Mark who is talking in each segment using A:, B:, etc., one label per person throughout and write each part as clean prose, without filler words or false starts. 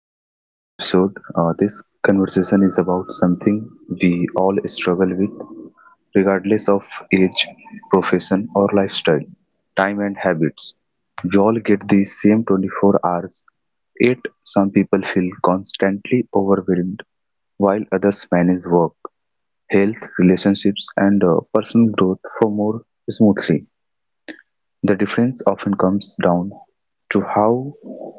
A: welcome to today's episode. This conversation is about something we all struggle with regardless of age, profession or lifestyle, time and habits. We all get the same 24 hours, yet some people feel constantly overwhelmed while others manage work, health, relationships and personal growth for more smoothly. The difference often comes down to how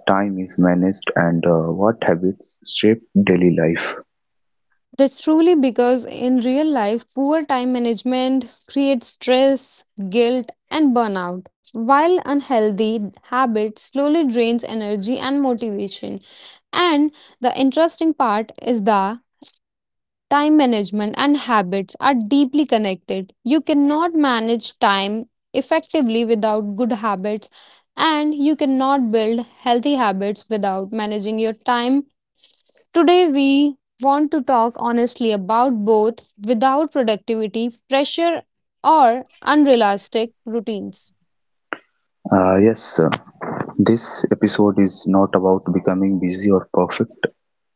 A: time is managed and what habits shape daily life.
B: That's truly because in real life, poor time management creates stress, guilt, and burnout, while unhealthy habits slowly drains energy and motivation. And the interesting part is the time management and habits are deeply connected. You cannot manage time effectively without good habits, and you cannot build healthy habits without managing your time. Today, we want to talk honestly about both without productivity, pressure, or unrealistic routines.
A: Yes, this episode is not about becoming busy or perfect,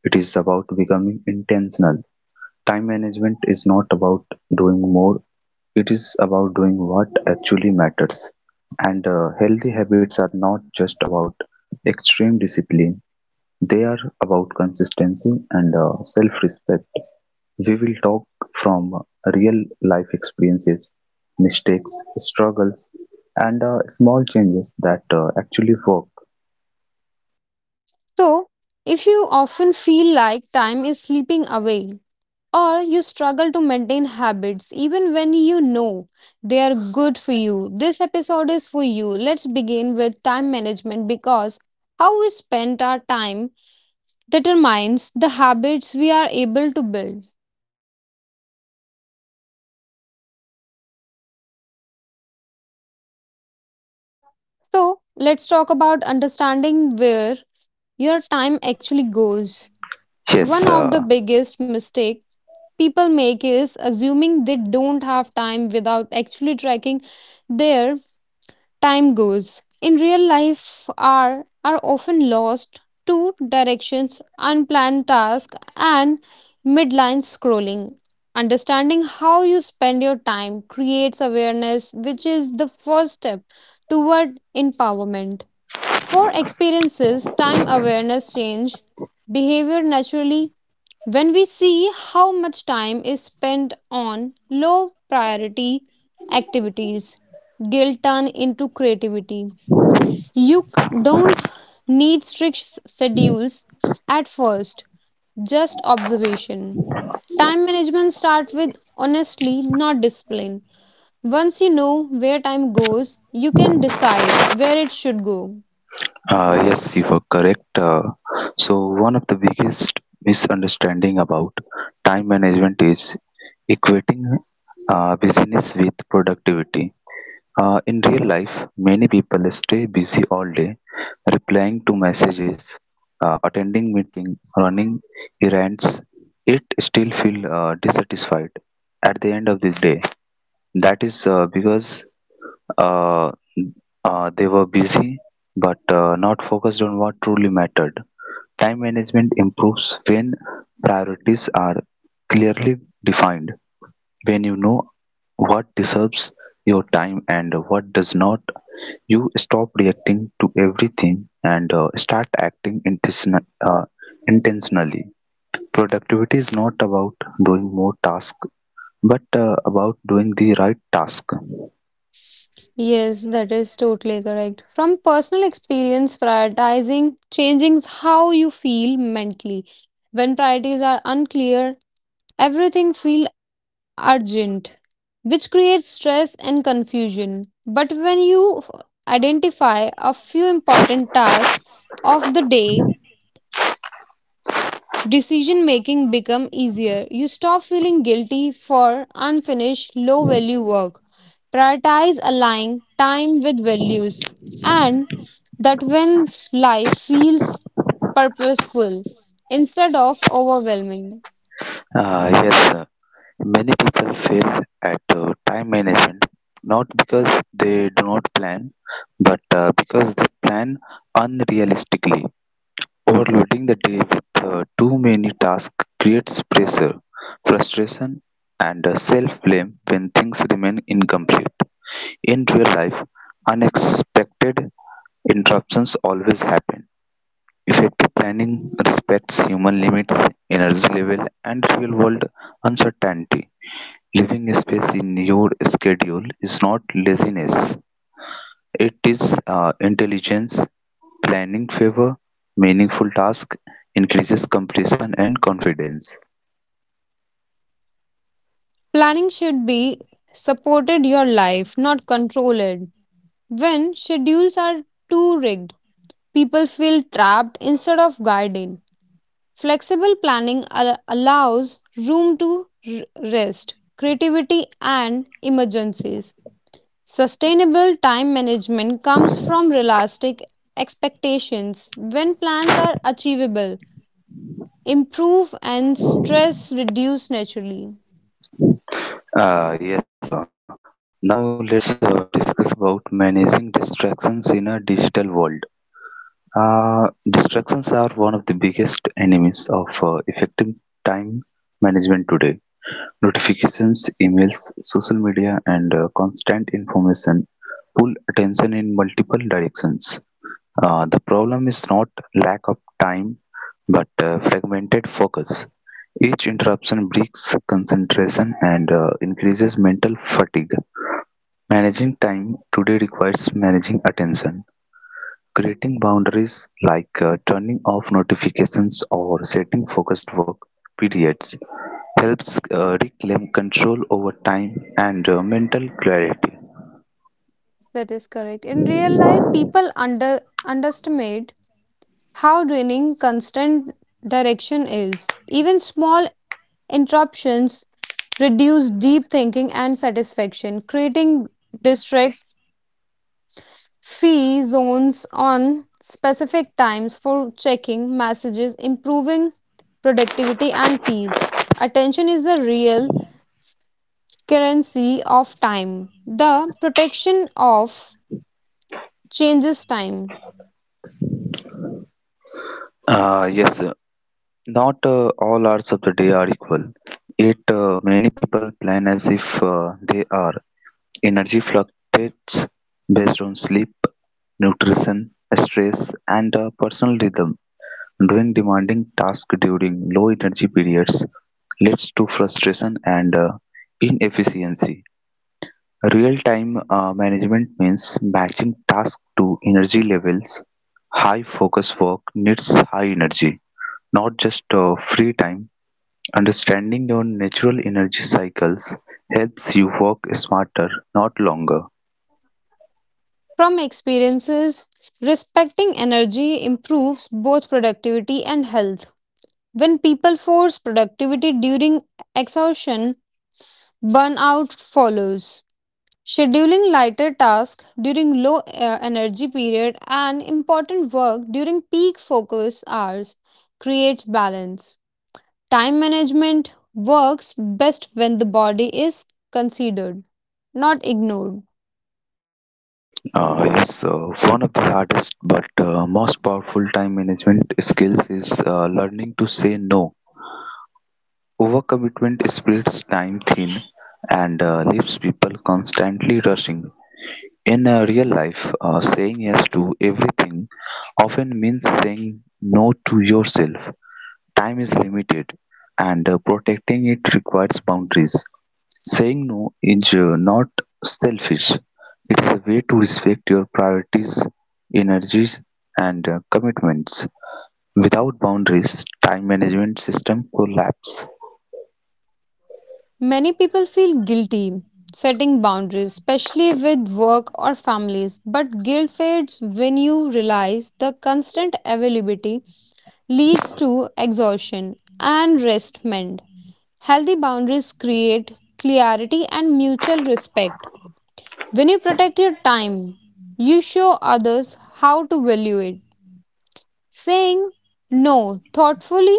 A: it is about becoming intentional. Time management is not about doing more, it is about doing what actually matters. And healthy habits are not just about extreme discipline, they are about consistency and self respect. We will talk from real life experiences, mistakes, struggles, and small changes that actually work.
B: So, if you often feel like time is slipping away, or you struggle to maintain habits even when you know they are good for you, this episode is for you. Let's begin with time management because how we spend our time determines the habits we are able to build. So, let's talk about understanding where your time actually goes. One
A: Yes,
B: of the biggest mistake people make is assuming they don't have time without actually tracking their time goes. In real life are often lost to directions, unplanned tasks and midline scrolling. Understanding how you spend your time creates awareness which is the first step toward empowerment. For experiences, time awareness change behavior naturally when we see how much time is spent on low priority activities. Guilt turn into creativity. Don't need schedules at first, just observation. Time management start with honestly, not discipline. Once you know where time goes, you can decide where it should go.
A: yes, you were correct. So, one of the biggest misunderstanding about time management is equating busyness with productivity. In real life, many people stay busy all day, replying to messages, attending meetings, running errands. It still feel dissatisfied at the end of the day. That is because uh, they were busy but not focused on what truly mattered. Time management improves when priorities are clearly defined, when you know what deserves your time and what does not you stop reacting to everything and start acting intentionally. Productivity is not about doing more tasks, but about doing the right task.
B: Yes, that is totally correct. From personal experience, prioritizing changes how you feel mentally. When priorities are unclear, everything feels urgent, which creates stress and confusion. But identify a few important tasks of the day, decision making become easier. You stop feeling guilty for unfinished low value work. Prioritize aligning time with values, and that when life feels purposeful instead of overwhelming.
A: Yes, many people fail at time management not because they do not plan, but because they plan unrealistically. Overloading the day with too many tasks creates pressure, frustration, and self-blame when things remain incomplete. In real life, unexpected interruptions always happen. Effective planning respects human limits, energy level, and real-world uncertainty. Leaving space in your schedule is not laziness; it is intelligence. Planning favor meaningful task, increases completion and confidence.
B: Planning should be supported your life, not controlled. When schedules are too rigged, people feel trapped instead of guided. Flexible planning allows room to rest, creativity, and emergencies. Sustainable time management comes from realistic expectations. When plans are achievable, improve and stress reduce naturally.
A: Ah, yes, sir. Now let's discuss about managing distractions in a digital world. Uh, distractions are one of the biggest enemies of effective time management today. Notifications, emails, social media, and constant information pull attention in multiple directions. The problem is not lack of time but fragmented focus. Each interruption breaks concentration and increases mental fatigue. Managing time today requires managing attention, creating boundaries like turning off notifications or setting focused work periods helps reclaim control over time and mental clarity.
B: Yes, that is correct. In real life, people underestimate how draining constant direction is. Even small interruptions reduce deep thinking and satisfaction, creating district fee zones on specific times for checking messages, improving productivity and peace. Attention is the real currency of time. The protection of changes time.
A: Yes, not all hours of the day are equal. Yet many people plan as if they are. Energy fluctuates based on sleep, nutrition, stress, and a personal rhythm. Doing demanding tasks during low energy periods leads to frustration and inefficiency. Real time management means matching tasks to energy levels. High focus work needs high energy, not just free time. Understanding your natural energy cycles helps you work smarter, not longer.
B: From experiences, respecting energy improves both productivity and health. When people force productivity during exhaustion, burnout follows. Scheduling lighter tasks during low energy period and important work during peak focus hours creates balance. Time management works best when the body is considered, not ignored.
A: Yes, one of the hardest but most powerful time management skills is learning to say no. Overcommitment spreads time thin and leaves people constantly rushing. In real life, saying yes to everything often means saying no to yourself. Time is limited, and protecting it requires boundaries. Saying no is not selfish, it is a way to respect your priorities, energies, and commitments. Without boundaries, time management system collapse.
B: Many people feel guilty setting boundaries, especially with work or families, but guilt fades when you realize the constant availability leads to exhaustion and restment. Healthy boundaries create clarity and mutual respect. When you protect your time, you show others how to value it. Saying no thoughtfully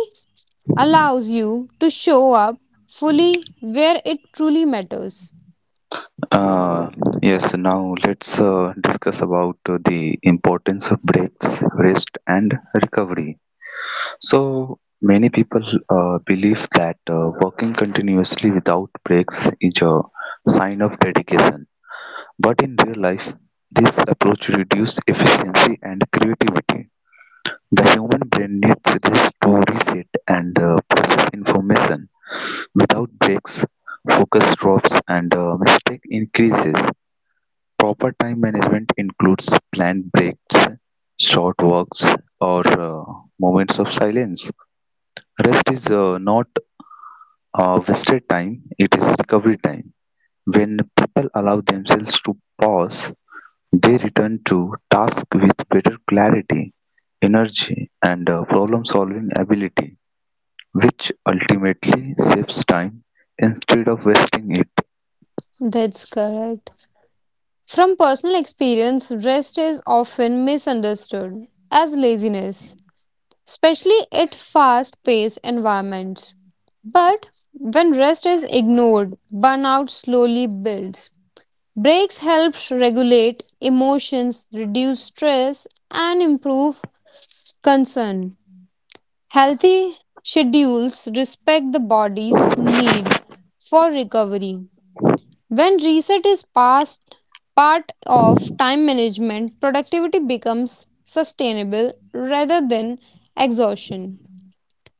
B: allows you to show up fully where it truly matters.
A: Uh, yes, now let's discuss about the importance of breaks, rest, and recovery. So, many people believe that working continuously without breaks is a sign of dedication. But in real life, this approach reduces efficiency and creativity. The human brain needs this to reset and process information. Without breaks, focus drops and mistake increases. Proper time management includes planned breaks, short walks, or moments of silence. Rest is not wasted time, it is recovery time. When people allow themselves to pause, they return to task with better clarity, energy, and problem-solving ability, which ultimately saves time instead of wasting it.
B: That's correct. From personal experience, rest is often misunderstood as laziness, especially at fast paced environments. But when rest is ignored, burnout slowly builds. Breaks helps regulate emotions, reduce stress, and improve concern. Healthy schedules respect the body's need for recovery. When reset is passed part of time management, productivity becomes sustainable rather than exhaustion.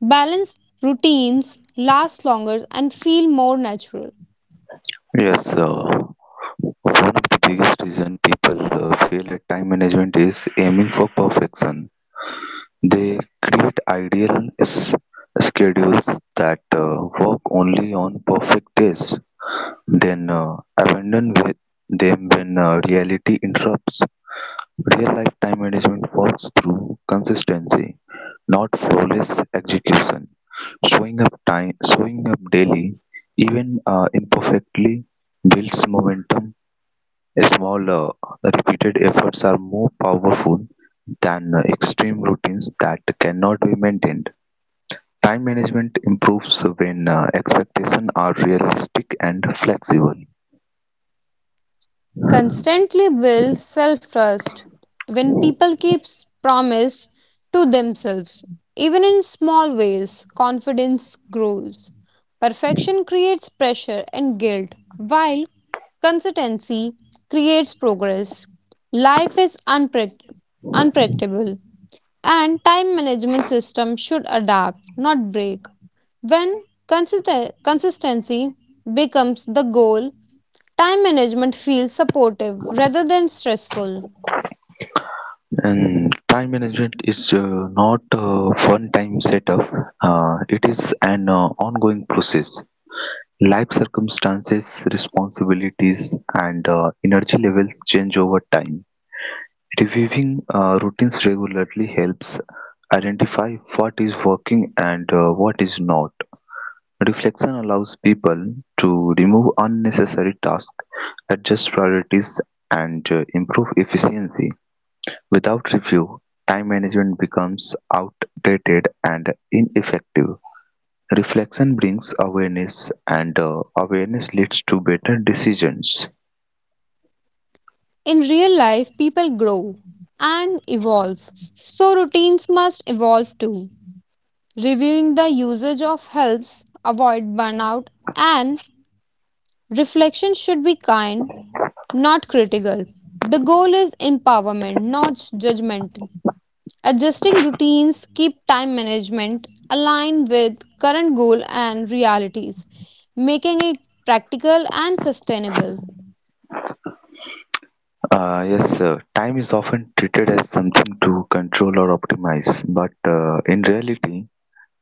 B: Balanced routines last longer and feel more natural.
A: Yes, one of the biggest reason people fail at time management is aiming for perfection. They create ideal schedules that work only on perfect days, then abandon with them when reality interrupts. Real-life time management works through consistency, not flawless execution, showing up time, showing up daily, even imperfectly, builds momentum. Small, repeated efforts are more powerful than extreme routines that cannot be maintained. Time management improves when expectations are realistic and flexible.
B: Constantly build self trust when people promise to themselves. Even in small ways, confidence grows. Perfection creates pressure and guilt, while consistency creates progress. Life is unpredictable, and time management system should adapt, not break. When consistency becomes the goal, time management feels supportive rather than stressful.
A: And time management is not a one-time setup. It is an ongoing process. Life circumstances, responsibilities, and energy levels change over time. Reviewing routines regularly helps identify what is working and what is not. Reflection allows people to remove unnecessary tasks, adjust priorities, and improve efficiency. Without review, time management becomes outdated and ineffective. Reflection brings awareness, and awareness leads to better decisions.
B: In real life, people grow and evolve, so routines must evolve too. Reviewing the usage of helps avoid burnout, and reflection should be kind, not critical. The goal is empowerment, not judgment. Adjusting routines keep time management aligned with current goal and realities, making it practical and sustainable.
A: Yes, time is often treated as something to control or optimize, but in reality,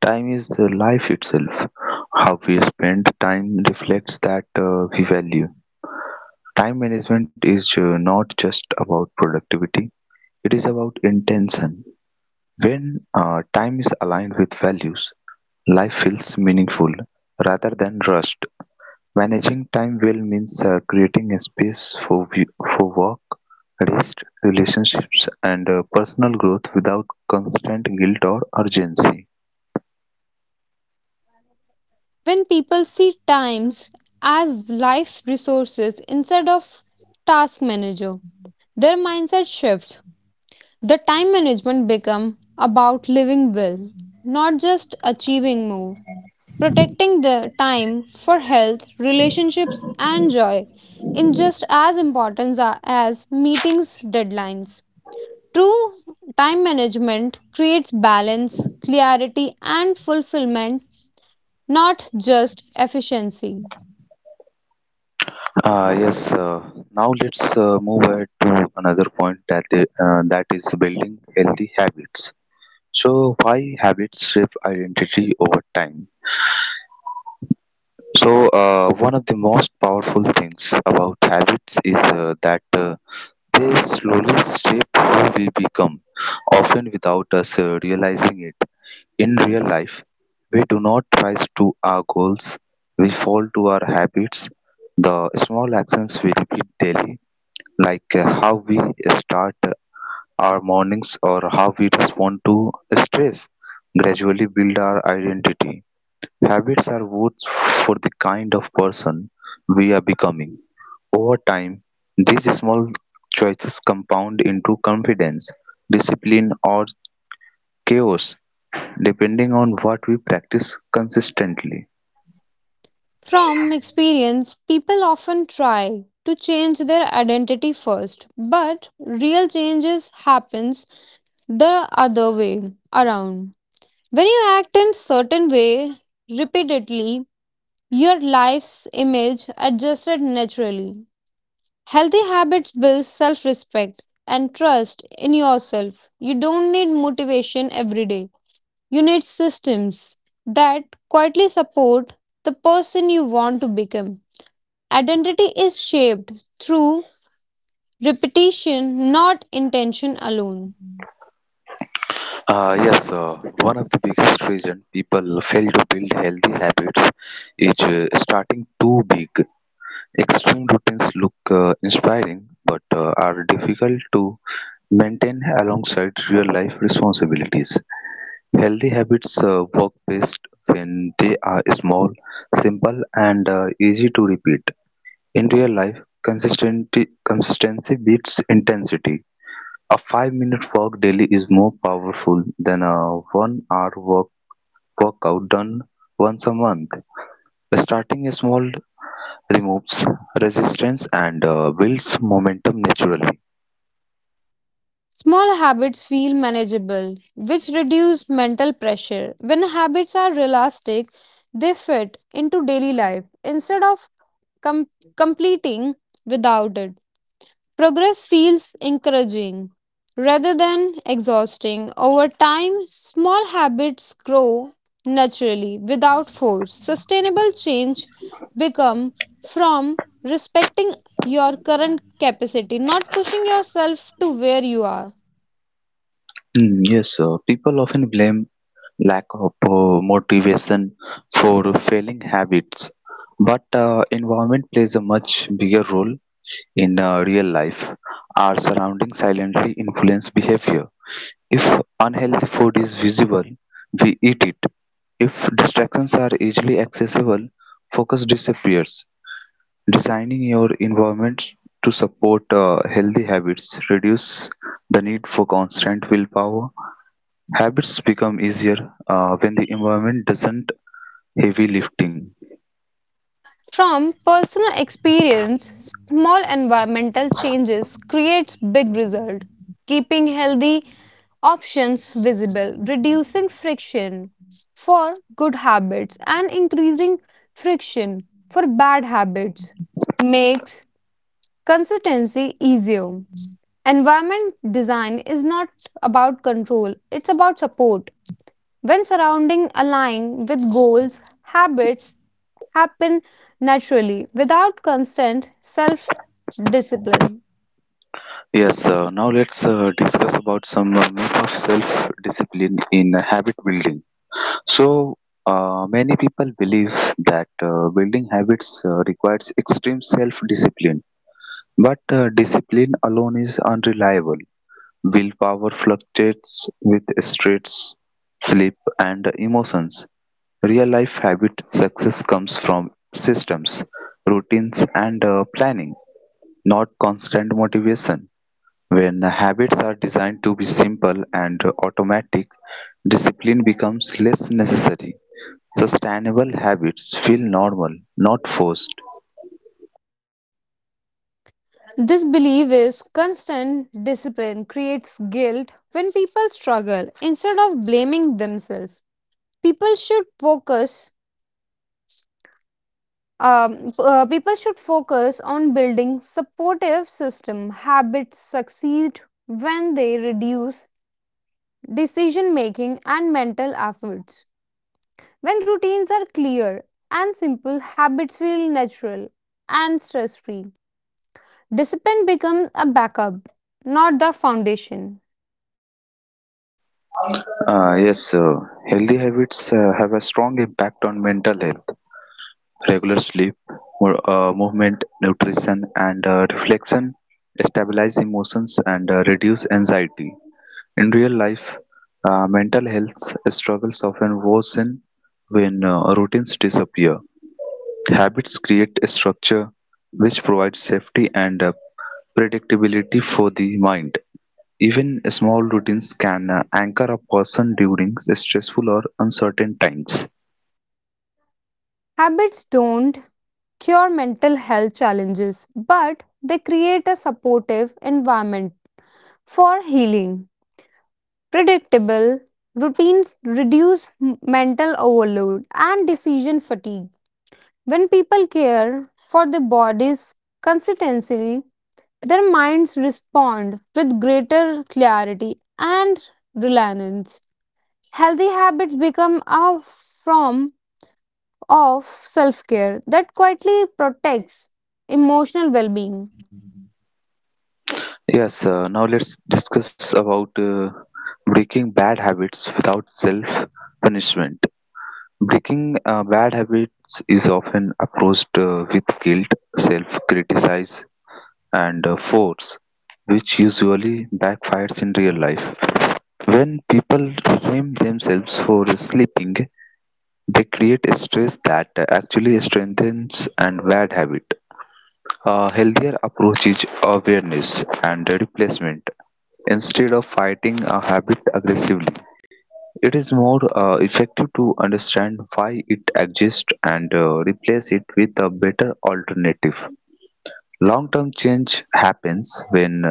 A: time is the life itself. How we spend time reflects that we value. Time management is not just about productivity, it is about intention. When time is aligned with values, life feels meaningful rather than rushed. Managing time well means creating a space for work, rest, relationships, and personal growth without constant guilt or urgency.
B: When people see times as life resources instead of task manager, their mindset shifts. The time management become about living well, not just achieving more. Protecting the time for health, relationships, and joy in just as as meetings deadlines. True time management creates balance, clarity, and fulfillment, not just efficiency.
A: Yes, now let's move ahead to another point that is building healthy habits. So, why habits shape identity over time? So, one of the most powerful things about habits is that they slowly shape who we become, often without us realizing it. In real life, we do not rise to our goals, we fall to our habits. The small actions we repeat daily, like how we start our mornings or how we respond to stress, gradually build our identity. Habits are votes for the kind of person we are becoming. Over time, these small choices compound into confidence, discipline, or chaos, depending on what we practice consistently.
B: From experience, people often try to change their identity first, but real changes happens the other way around. When you act in certain way repeatedly, your life's image adjusted naturally. Healthy habits build self respect and trust in yourself. You don't need motivation every day, you need systems that quietly support the person you want to become. Identity is shaped through repetition, not intention alone.
A: Yes, one of the biggest reason people fail to build healthy habits is starting too big. Extreme routines look inspiring but are difficult to maintain alongside real life responsibilities. Healthy habits work best when they are small, simple, and easy to repeat. In real life, consistency beats intensity. A 5-minute walk daily is more powerful than a 1-hour workout done once a month. Starting small removes resistance and builds momentum naturally.
B: Small habits feel manageable, which reduce mental pressure. When habits are realistic, they fit into daily life instead of com- completing without it. Progress feels encouraging rather than exhausting. Over time, small habits grow naturally without force. Sustainable change become from respecting your current capacity, not pushing yourself to where you are.
A: Mm, yes, people often blame lack of motivation for failing habits. But environment plays a much bigger role in real life. Our surroundings silently influence behavior. If unhealthy food is visible, we eat it. If distractions are easily accessible, focus disappears. Designing your environment to support healthy habits reduce the need for constant willpower. Habits become easier when the environment doesn't heavy lifting.
B: From personal experience, small environmental changes creates big result, keeping healthy options visible, reducing friction for good habits and increasing friction for bad habits makes consistency easier. Environment design is not about control, it's about support. When surrounding align with goals, habits happen naturally without constant self discipline.
A: Yes, now let's discuss about some myth of self-discipline in habit building. So, many people believe that building habits requires extreme self-discipline, but discipline alone is unreliable. Willpower fluctuates with stress, sleep, and emotions. Real-life habit success comes from systems, routines, and planning, not constant motivation. When habits are designed to be simple and automatic, discipline becomes less necessary. Sustainable habits feel normal, not forced.
B: This belief is constant discipline creates guilt when people struggle instead of blaming themselves. People should focus people should focus on building supportive system habits succeed when they reduce decision making and mental efforts. When routines are clear and simple, habits feel natural and stress free. Discipline becomes a backup, not the foundation.
A: Yes, healthy habits have a strong impact on mental health. Regular sleep, movement, nutrition, and reflection stabilize emotions and reduce anxiety. In real life, mental health struggles often worsen when routines disappear. Habits create a structure which provides safety and predictability for the mind. Even small routines can anchor a person during stressful or uncertain times.
B: Habits don't cure mental health challenges, but they create a supportive environment for healing. Predictable routines reduce mental overload and decision fatigue. When people care for their body's consistency, their minds respond with greater clarity and reliance. Healthy habits become a form of self care that quietly protects emotional well being.
A: Yes, now let's discuss about breaking bad habits without self punishment. Breaking bad habits is often approached with guilt, self criticism, and force, which usually backfires in real life. When people blame themselves for sleeping, they create a stress that actually strengthens and bad habit. A healthier approach is awareness and replacement. Instead of fighting a habit aggressively, it is more effective to understand why it exists and replace it with a better alternative. Long term change happens when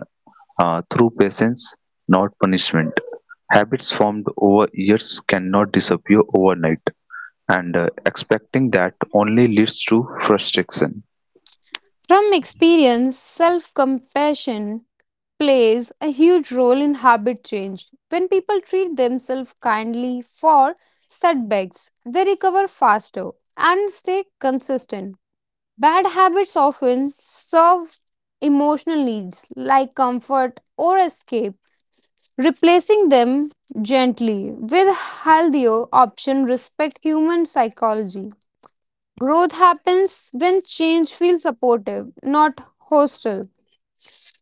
A: through patience, not punishment. Habits formed over years cannot disappear overnight, and expecting that only leads to frustration.
B: From experience, self compassion plays a huge role in habit change. When people treat themselves kindly for setbacks, they recover faster and stay consistent. Bad habits often serve emotional needs like comfort or escape. Replacing them gently with healthier option respect human psychology. Growth happens when change feels supportive, not hostile.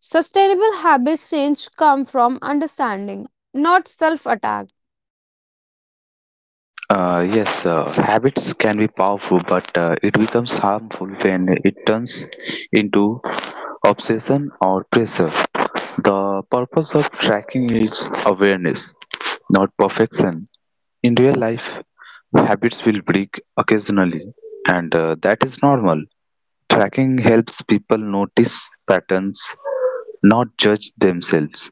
B: Sustainable habits change come from understanding, not self-attack.
A: Yes, habits can be powerful, but it becomes harmful when it turns into obsession or pressure. The purpose of tracking is awareness, not perfection. In real life, habits will break occasionally, and that is normal. Tracking helps people notice patterns, not judge themselves.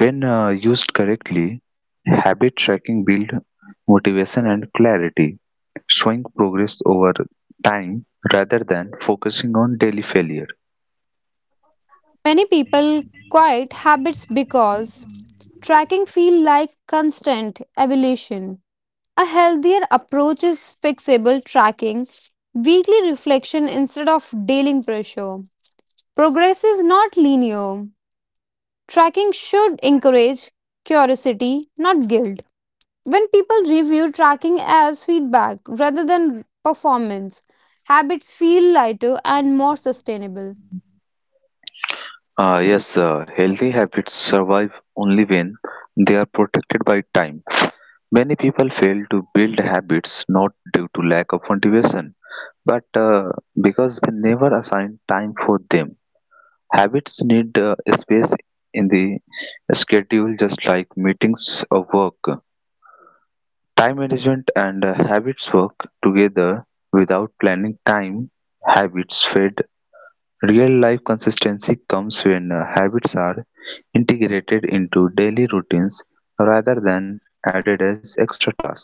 A: When used correctly, habit tracking builds motivation and clarity, showing progress over time rather than focusing on daily failure.
B: Many people quit habits because tracking feel like constant evaluation. A healthier approach is fixable tracking, weekly reflection instead of daily pressure. Progress is not linear. Tracking should encourage curiosity, not guilt. When people review tracking as feedback rather than performance, habits feel lighter and more sustainable.
A: Yes, healthy habits survive only when they are protected by time. Many people fail to build habits not due to lack of motivation, but because they never assign time for them. Habits need space in the schedule just like meetings or work. Time management and habits work together without planning time. Habits fade. Real life consistency comes when habits are integrated into daily routines rather than added as extra tasks.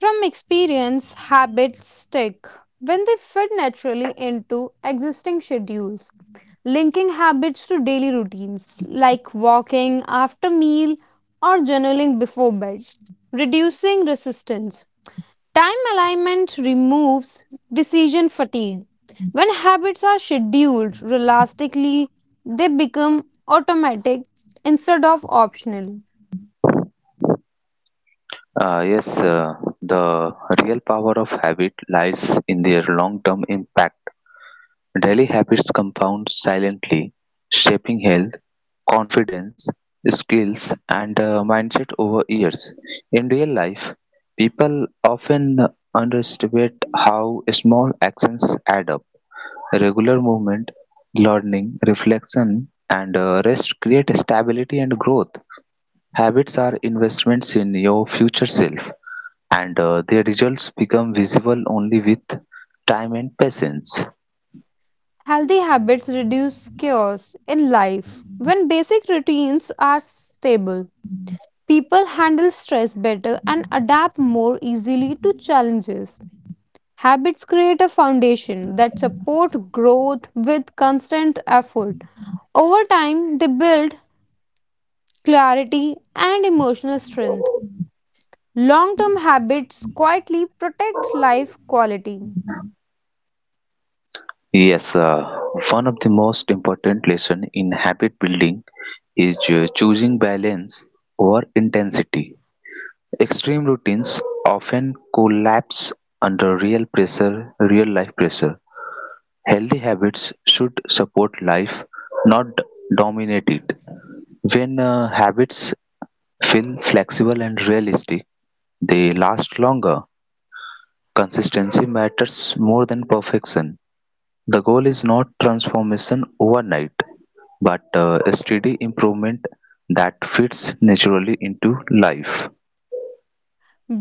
B: From experience, habits stick when they fit naturally into existing schedules. Linking habits to daily routines like walking after meal or journaling before bed, reducing resistance. Time alignment removes decision fatigue. When habits are scheduled realistically, they become automatic instead of optional.
A: Yes, the real power of habit lies in their long term impact. Daily habits compound silently, shaping health confidence, skills, and mindset over years. In real life, people often underestimate how small actions add up. Regular movement, learning, reflection, and rest create stability and growth. Habits are investments in your future self, and their results become visible only with time and patience.
B: Healthy habits reduce chaos in life. When basic routines are stable, people handle stress better and adapt more easily to challenges. Habits create a foundation that support growth with constant effort. Over time, they build clarity and emotional strength. Long term habits quietly protect life quality.
A: Yes, one of the most important lesson in habit building is choosing balance over intensity. Extreme routines often collapse under real pressure, real life pressure. Healthy habits should support life, not dominate it. When habits feel flexible and realistic, they last longer. Consistency matters more than perfection. The goal is not transformation overnight, but a steady improvement that fits naturally into life.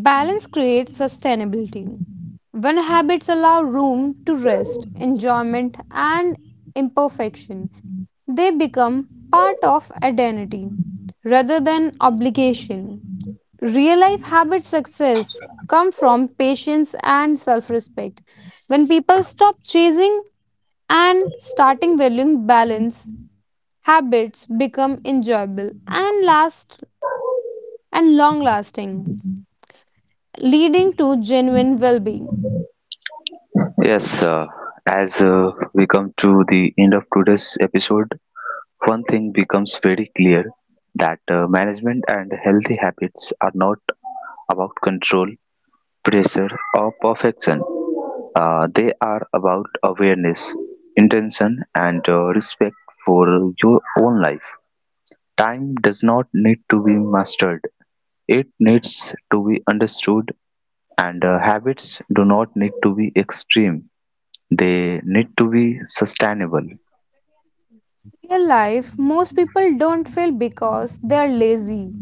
B: Balance creates sustainability. When habits allow room to rest, enjoyment, and imperfection, they become part of identity rather than obligation. Real life habit success come from patience and self-respect. When people stop chasing and starting valuing balance, habits become enjoyable and last and long lasting, leading to genuine well-being.
A: Yes, as we come to the end of today's episode, one thing becomes very clear that management and healthy habits are not about control, pressure, or perfection. They are about awareness, intention, and respect for your own life. Time does not need to be mastered, it needs to be understood, and habits do not need to be extreme, they need to be sustainable.
B: Real life, most people don't fail because they are lazy.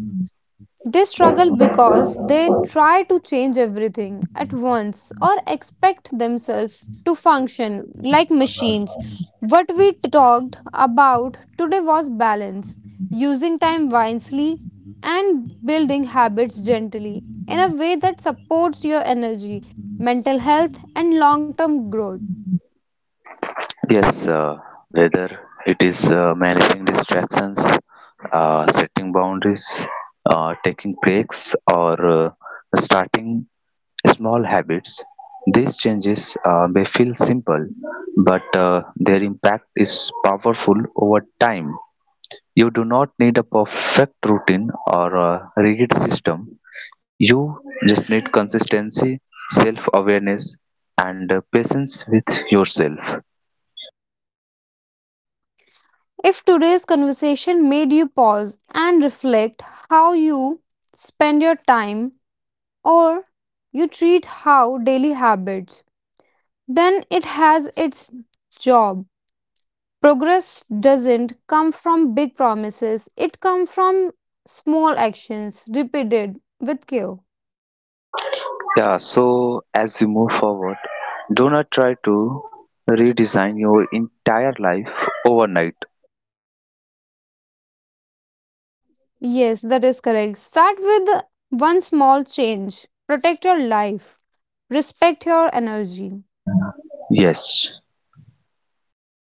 B: They struggle because they try to change everything at once or expect themselves to function like machines. What we talked about today was balance, using time wisely and building habits gently in a way that supports your energy, mental health, and long term growth.
A: Yes, whether it is managing distractions, setting boundaries, taking breaks, or starting small habits, these changes may feel simple, but their impact is powerful over time. You do not need a perfect routine or a rigid system. You just need consistency, self awareness, and patience with yourself.
B: If today's conversation made you pause and reflect how you spend your time or you treat how daily habits, then it has its job. Progress doesn't come from big promises, it comes from small actions repeated with care.
A: Yeah, so as you move forward, do not try to redesign your entire life overnight.
B: Yes, that is correct. Start with one small change. Protect your life. Respect your energy.
A: Yes.